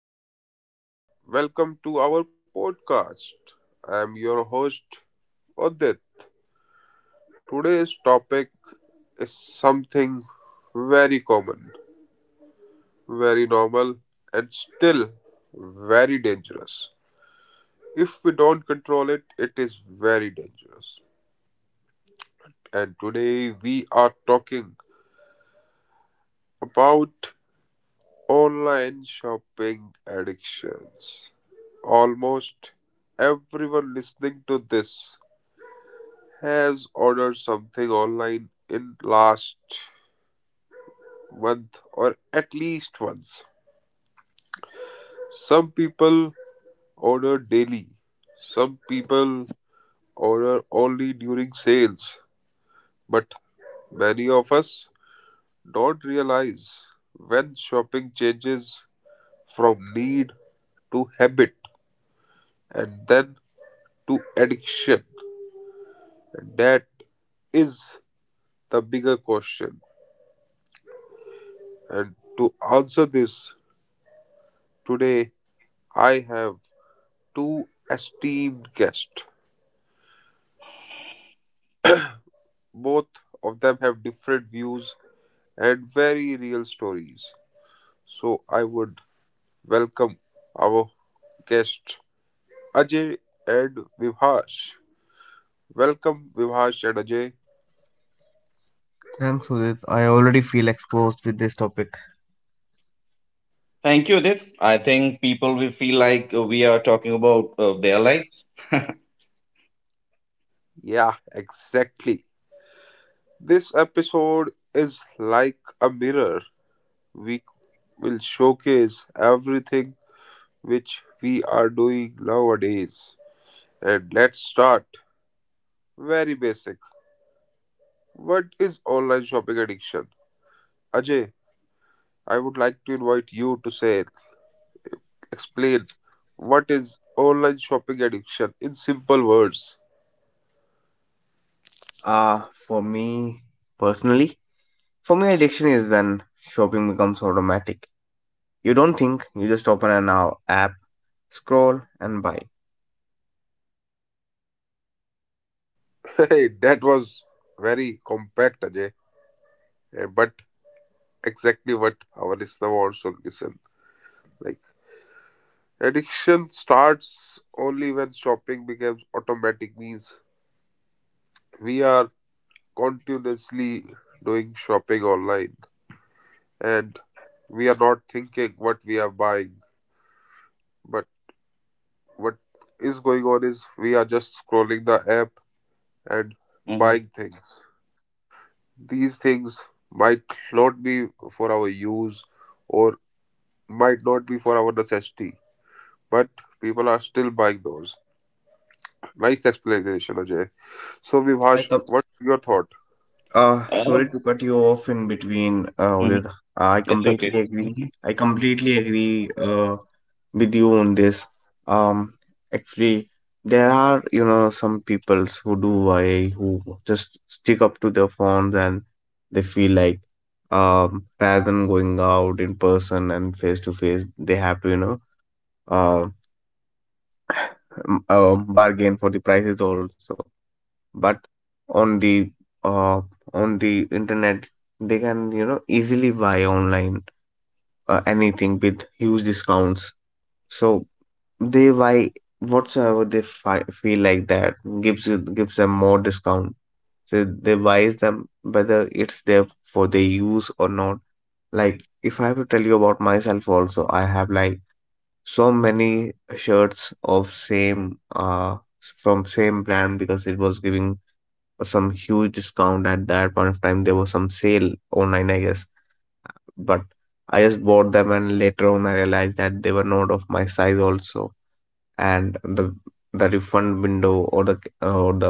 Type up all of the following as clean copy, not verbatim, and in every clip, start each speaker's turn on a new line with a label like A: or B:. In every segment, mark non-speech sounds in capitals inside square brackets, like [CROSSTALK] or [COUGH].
A: Hello, everyone. Welcome to our podcast. I am your host, Odit. Today's topic is something very common, very normal, and still very dangerous. If we don't control it, it is very dangerous. And today we are talking about online shopping addictions. Almost everyone listening to this has ordered something online in last month or at least once. Some people order daily. Some people order only during sales. But many of us don't realize when shopping changes from need to habit and then to addiction. And that is the bigger question. And to answer this, today I have two esteemed guests. Both of them have different views and very real stories. So I would welcome our guests, Ajay and Vibhash. Welcome, Vibhash and Ajay.
B: Thanks, Sudhit. I already feel exposed with this topic.
C: Thank you, Udit. I think people will feel like we are talking about their lives. [LAUGHS]
A: Yeah, exactly. This episode is like a mirror. We will showcase everything which we are doing nowadays. And let's start very basic. What is online shopping addiction? Ajay, I would like to invite you to say, explain what is online shopping addiction in simple words.
B: For me personally, for me, addiction is when shopping becomes automatic. You don't think, you just open an app, scroll, and buy.
A: [LAUGHS] Hey, that was very compact, Ajay, but exactly what our listener wants to listen. Like, addiction starts only when shopping becomes automatic, means we are continuously doing shopping online and we are not thinking what we are buying, but what is going on is we are just scrolling the app and
C: Hmm.
A: buying things. These things might not be for our use or might not be for our necessity, but people are still buying those. Nice explanation, Ajay. So,
B: I
A: Vibhash,
B: com-
A: what's your thought?
B: Sorry
C: Uh,
B: to cut you off in between,
C: mhm.
B: Udit. I
C: It's okay.
B: completely agree.
C: Mhm.
B: I completely agree with you on this. Um, Actually, there are, you know, some peoples who do I who just stick up to their phones and they feel like, rather than going out in person and face to face, they have to, you know, uh, bargain for the prices also, but on the uh, on the internet, they can, you know, easily buy online anything with huge discounts. So they buy whatsoever they feel like that gives them more discount, so they buys them whether it's there for their use or not. Like, if I have to tell you about myself also, I have like so many shirts of same from same brand because it was giving some huge discount at that point of time. There was some sale online, I guess, but I just bought them and later on I realized that they were not of my size also, and the refund window or the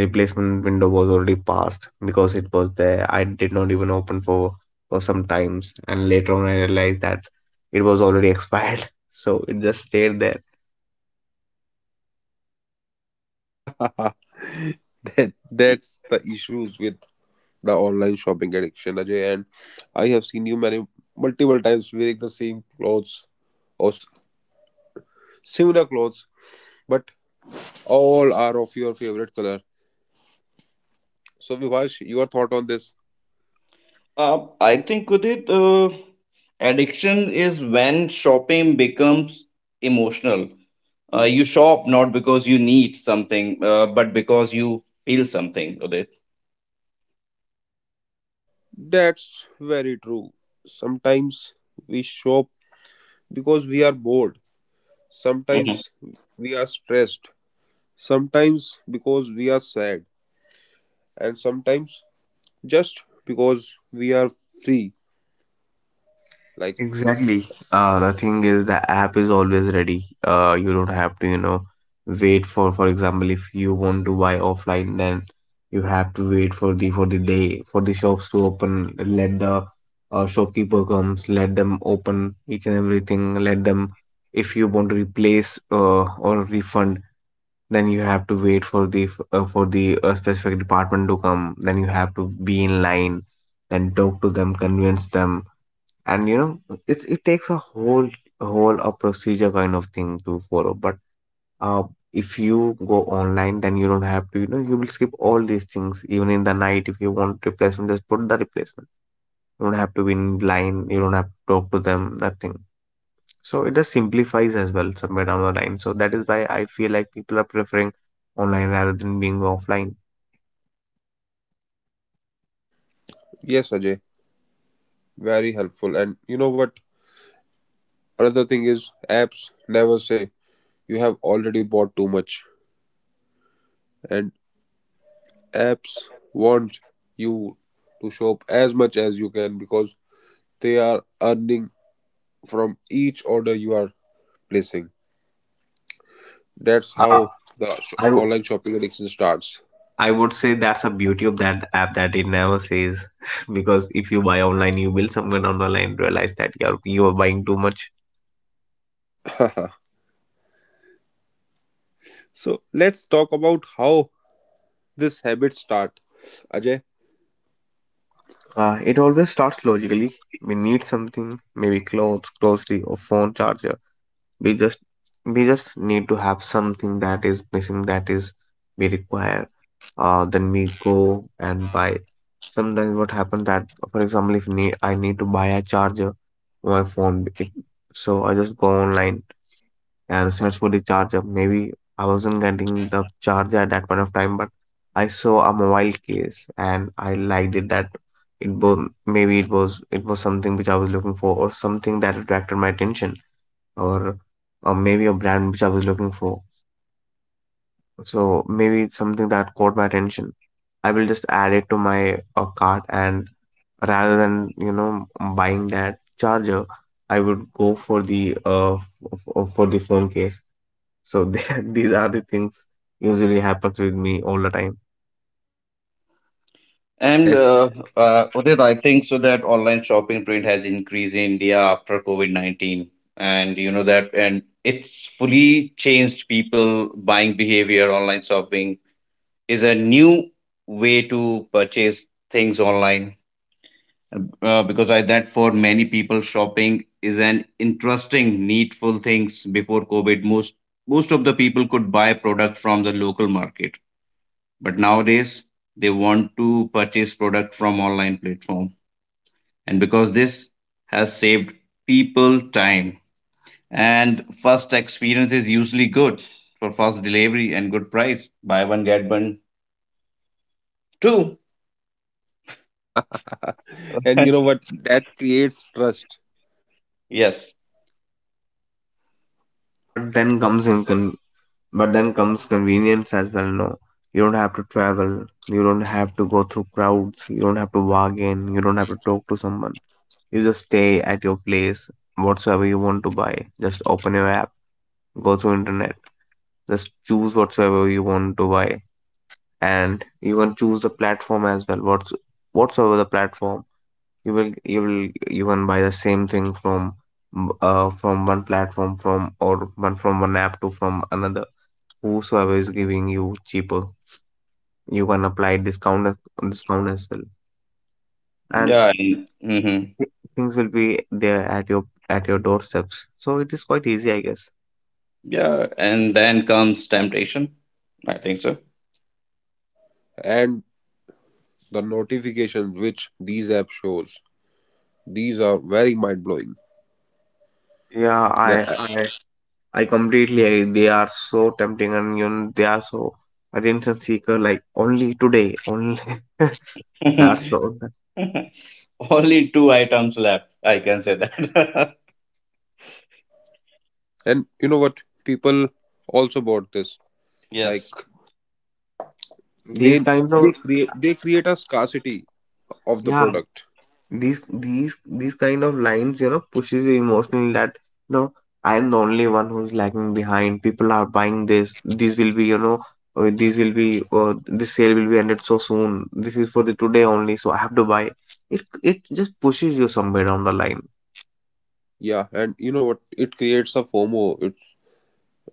B: replacement window was already passed because it was there. I did not even open for some times, and later on I realized that it was already expired, [LAUGHS] so it just stayed there.
A: [LAUGHS] That's the issues with the online shopping addiction, Ajay, and I have seen you many multiple times wearing the same clothes or similar clothes, but all are of your favorite color. So Vivash, your thought on this.
C: I think, Udit, addiction is when shopping becomes emotional. You shop not because you need something, but because you feel something, Udit.
A: That's very true. Sometimes we shop because we are bored.
C: Mm-hmm.
A: Sometimes we are stressed. Sometimes because we are sad. And sometimes just because we are free. Like,
B: Exactly. The thing is, the app is always ready. You don't have to, you know, wait for example, if you want to buy offline, then you have to wait for the day for the shops to open. Let the shopkeeper comes, let them open each and everything. Let them, if you want to replace or refund, then you have to wait for the specific department to come. Then you have to be in line, then talk to them, convince them, and you know it takes a whole whole a procedure kind of thing to follow. But uh if you go online, then you don't have to, you know, you will skip all these things. Even in the night, if you want replacement, just put the replacement. You don't have to be in line, you don't have to talk to them, nothing. So it just simplifies as well somewhere down the line. So that is why I feel like people are preferring online rather than being offline.
A: yes, Ajay, very helpful. And you know what? Another thing is apps never say you have already bought too much. And apps want you to shop as much as you can because they are earning from each order you are placing. That's
B: Uh,
A: how the
B: I,
A: online shopping addiction starts.
B: I would say that's a beauty of that app that it never says [LAUGHS] because if you buy online, you will somewhere down the line realize that you are buying too much.
A: [LAUGHS] So let's talk about how this habit start, Ajay.
B: It always starts logically. We need something, maybe clothes, grocery, or phone charger. We just we just need to have something that is missing, that is we require. Then we go and buy. Sometimes what happens that, for example, if need, I need to buy a charger for my phone, so I just go online and search for the charger. Maybe I wasn't getting the charger at that point of time, but I saw a mobile case and I liked it that it was, maybe it was something which I was looking for, or something that attracted my attention, or or maybe a brand which I was looking for. So maybe it's something that caught my attention. I will just add it to my cart, and rather than, you know, buying that charger, I would go for the phone case. So they, [LAUGHS] these are the things usually happens with me all the time.
C: And
A: [LAUGHS]
C: uh, uh, Udit, I think so that online shopping trend has increased in India after COVID-19. And you know that, and it's fully changed people buying behavior. Online shopping is a new way to purchase things online. Because I that for many people, shopping is an interesting, needful things before COVID. Most of the people could buy product from the local market, but nowadays they want to purchase product from online platform, and because this has saved people time, and first experience is usually good for fast delivery and good price, buy one get one two.
A: And you know what? That creates trust.
C: [LAUGHS] Yes,
B: But then comes in con- but then comes convenience as well. No, you don't have to travel. You don't have to go through crowds. You don't have to bargain. You don't have to talk to someone. You just stay at your place. Whatsoever you want to buy, just open your app, go through internet, just choose whatsoever you want to buy, and you can choose the platform as well. What's Whatsoever the platform, you will you will you can buy the same thing from one platform from or one from one app to from another, whosoever is giving you cheaper. You can discount as well. And
C: yeah, and, hmm,
B: thi- things will be there at your doorsteps, so it is quite easy, I guess.
C: yeah, and then comes temptation, I think so.
A: And the notifications which these apps shows. These are very mind blowing.
B: Yeah, i I completely agree. They are so tempting, and you know, they are so attention seeker, like only today only. [LAUGHS] That's
C: [LAUGHS]
B: all.
C: Only two items left, I can say that.
A: And you know what? People also bought this.
C: [LAUGHS]
A: Like
C: Yes,
A: they
B: These kind
A: they
B: of,
A: create they create a scarcity of the
B: yeah,
A: product.
B: these kind of lines, you know, pushes you emotionally that, you know, I am the only one who's lagging behind. People are buying this. These will be, you know, these will be this sale will be ended so soon, this is for the today only, so I have to buy it. It just pushes you somewhere down the line.
A: Yeah, and you know what? It creates a FOMO. It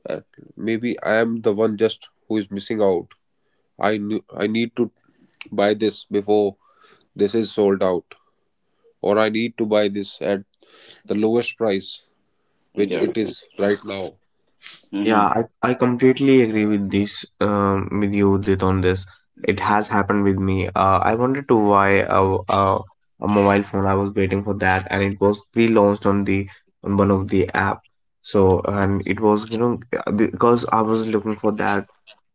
A: Uh, Maybe I am the one just who is missing out. I knew I need to buy this before this is sold out, or I need to buy this at the lowest price which
C: yeah.
A: it is right now.
B: Yeah,
C: Hmm.
B: I completely agree with this with you, Udit, on this. It has happened with me. I wanted to buy a a mobile phone. I was waiting for that, and it was pre-launched on the on one of the app. So and it was, you know, because I was looking for that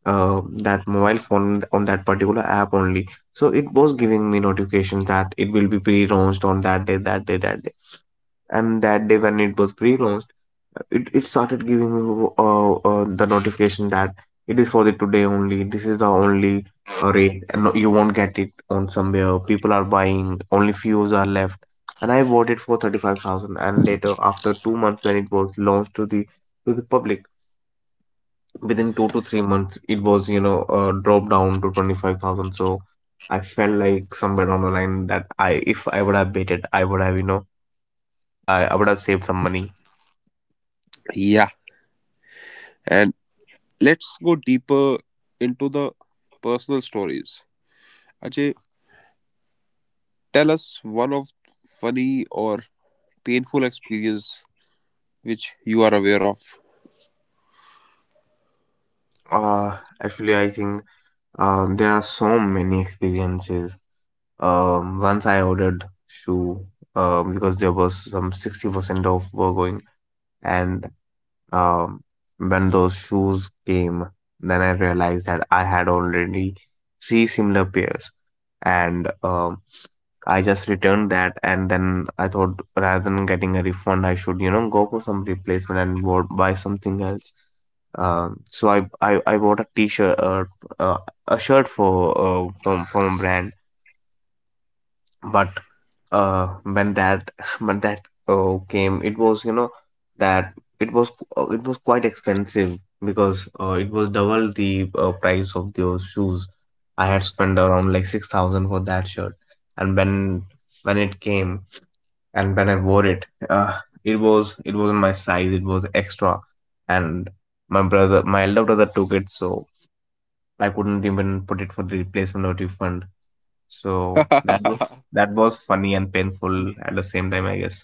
B: uh, that mobile phone on that particular app only. So it was giving me notifications that it will be pre-launched on that day, that day, that day, and that day when it was pre-launched, it started giving me the notification that it is for the today only, this is the only rate, and you won't get it on somewhere, people are buying, only fews are left. And I bought it for 35,000, and later after 2 months, when it was launched to the public, within 2 to 3 months, it was, you know, dropped down to 25,000. So I felt like somewhere down the line that I if I would have waited, I would have, you know, I would have saved some money.
A: Yeah, and let's go deeper into the personal stories. Ajay, tell us one of funny or painful experience which you are aware of.
B: Uh actually I think there are so many experiences. Once I ordered shoe because there was some 60% off were going, and um, when those shoes came, then I realized that I had already three similar pairs. And I just returned that, and then I thought rather than getting a refund I should, you know, go for some replacement and buy something else. Um, so I bought a t-shirt uh, a shirt for from a brand. But when that [LAUGHS] when that came, it was, you know, that it was, it was quite expensive because it was double the price of those shoes. I had spent around like 6,000 for that shirt. And when it came and when I wore it, it was, it wasn't my size, it was extra. And my elder brother took it, so I couldn't even put it for the replacement or refund. So
A: [LAUGHS]
B: that was, that was funny and painful at the same time, I guess.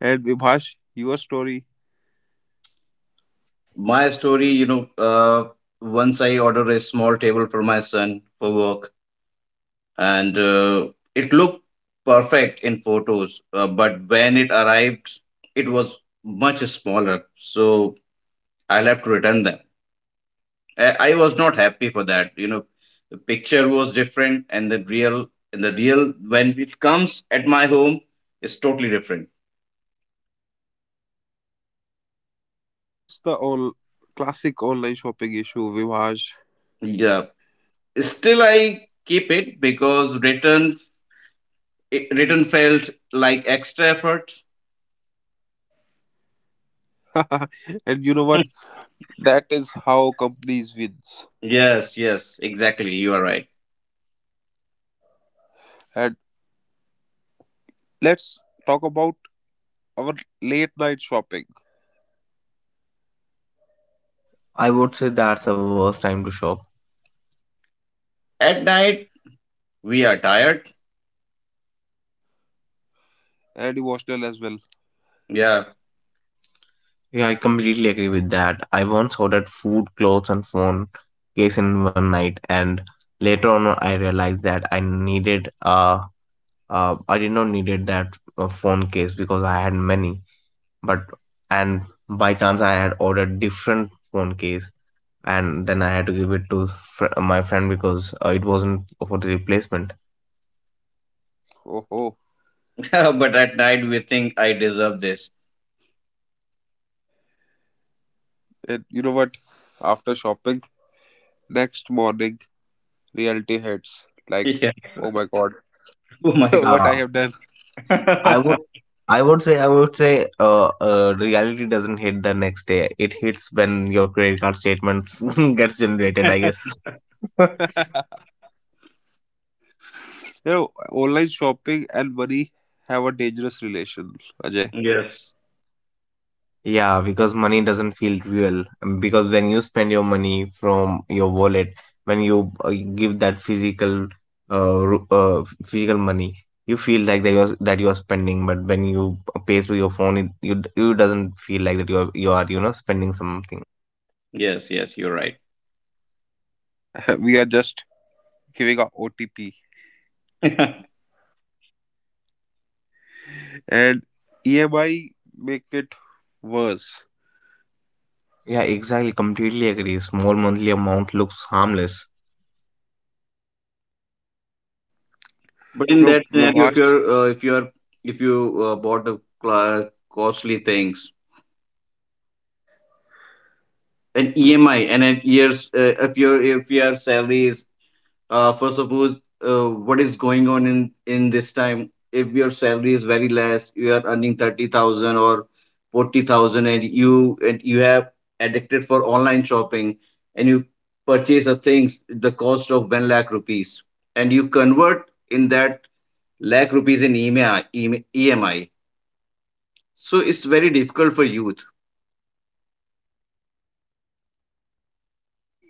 A: And Vibhash, your story.
C: My story, once I ordered a small table for my son for work, and it looked perfect in photos, but when it arrived, it was much smaller. So I'll have to return them. I was not happy for that. The picture was different, and the real when it comes at my home is totally different.
A: That's the all classic online shopping issue, Vimaj.
C: Yeah. Still, I keep it because return it written felt like extra effort.
A: [LAUGHS] And you know what?
C: [LAUGHS]
A: That is how companies wins.
C: Yes, yes, exactly. You are right.
A: And let's talk about our late night shopping
B: I would say that's the worst time to shop.
C: At night, we are tired.
A: and emotional as well.
C: Yeah.
B: Yeah, I completely agree with that. I once ordered food, clothes, and phone case in one night, and later on I realized that I needed, I did not needed that phone case because I had many. But and by chance I had ordered different phone case, and then I had to give it to my friend because it wasn't for the replacement.
A: Oh, oh.
C: [LAUGHS] But at night, we think I deserve this.
A: And you know what? After shopping, next morning, reality hits. Like,
C: Yeah. [LAUGHS]
A: oh my god,
C: Oh
A: [LAUGHS]
C: my
A: what
C: God.
A: I
B: Uh,
A: have done.
B: I would
C: [LAUGHS]
B: I would say reality doesn't hit the next day. It hits when your credit card statements [LAUGHS] gets generated, I guess.
A: [LAUGHS]
B: [LAUGHS]
A: You know, online shopping and money have a dangerous relation, Ajay.
C: Yes.
B: Yeah, because money doesn't feel real. Because when you spend your money from your wallet, when you give that physical physical money, you feel like that you are spending. But when you pay through your phone, it you doesn't feel like that you are you know spending something.
C: Yes, yes, you're right.
A: [LAUGHS] We are just giving a OTP.
C: [LAUGHS] But
A: And EMI make it worse.
B: Yeah, exactly. Completely agree. Small monthly amount looks harmless,
A: You
C: in
A: know,
C: that scenario, if
A: Vivash,
C: you're uh, if you're if you uh, bought a costly things, an EMI and an year's if your salary is for suppose what is going on in this time, if your salary is very less, you are earning 30,000 or 40,000, and you have addicted for online shopping, and you purchase a things the cost of 1 lakh rupees, and you convert in that lakh rupees in EMI so it's very difficult for youth.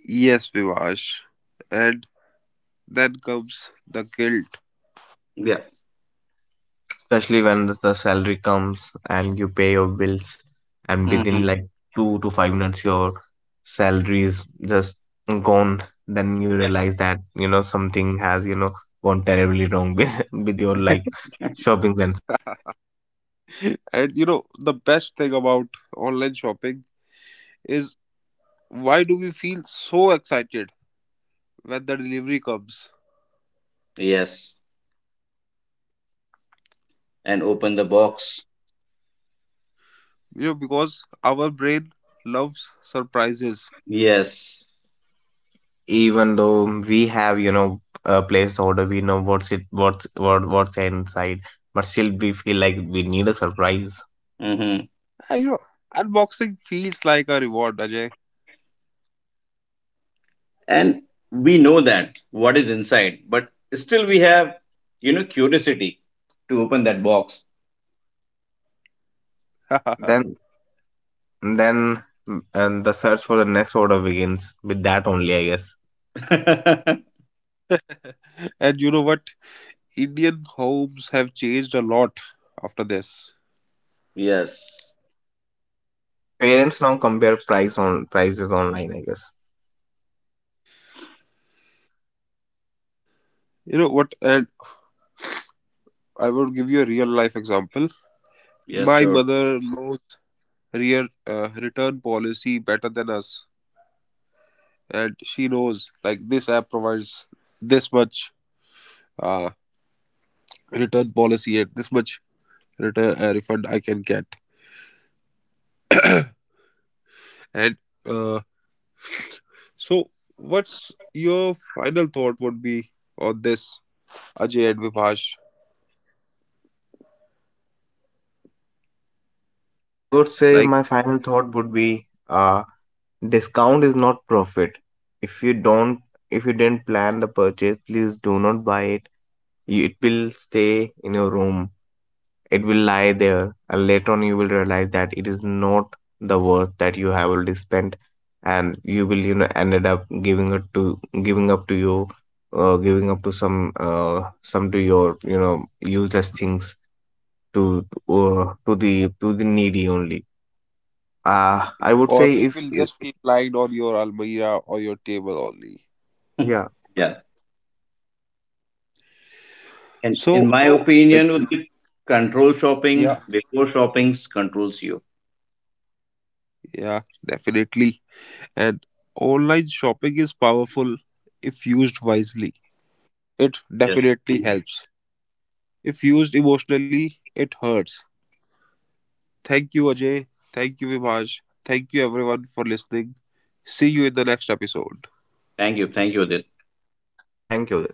A: yes, Vivash, and then comes the guilt. [LAUGHS]
C: Yeah.
B: especially when the salary comes and you pay your bills, and within
C: Mhm.
B: like 2 to 5 minutes, your salary is just gone. Then you realize that, you know, something has, you know, gone terribly wrong [LAUGHS] with your like
C: Yeah.
B: shopping center.
A: And you know, the best thing about online shopping is why do we feel so excited when the delivery comes?
C: Yes. And open the box.
A: You know, because our brain loves surprises.
C: Yes.
B: Even though we have, you know, placed order, we know what's it, what's what what's inside, but still we feel like we need a surprise.
C: Hmm.
A: And, you know, unboxing feels like a reward, Ajay.
C: And we know that what is inside, but still we have curiosity to open that box.
A: [LAUGHS]
B: Then And then mm, and the search for the next order begins with that only, I guess.
C: [LAUGHS]
A: And you know what? Indian homes have changed a lot after this.
C: Yes.
B: Parents now compare prices online, I guess.
A: You know what? And I would give you a real life example.
C: Yes,
A: My
C: sure.
A: mother knows rear return policy better than us, and she knows like this app provides this much uh, return policy and this much return refund I can get. And uh, so, what's your final thought would be on this, Ajay and Vipash?
B: I would say
A: Like,
B: my final thought would be, discount is not profit. If you don't, if you didn't plan the purchase, please do not buy it. You, it will stay in your room. It will lie there, and later on you will realize that it is not the worth that you have already spent, and you will, you know, ended up giving it to giving up to you, giving up to some to your, you know, useless things to to the needy only. I would
A: or
B: say
A: it
B: if
A: will
B: you,
A: just keep lying on your almirah or your table only.
C: [LAUGHS]
B: yeah,
C: Yeah. And in
A: So,
C: my
A: it,
C: opinion would be control shopping
A: yeah,
C: before shopping controls you.
A: yeah, definitely. And online shopping is powerful if used wisely. It
C: Yes.
A: definitely helps. If used emotionally, it hurts. Thank you, Ajay. Thank you, Vibhaj. Thank you, everyone, for listening. See you in the next episode.
C: Thank you, thank you, Udit.
B: thank you.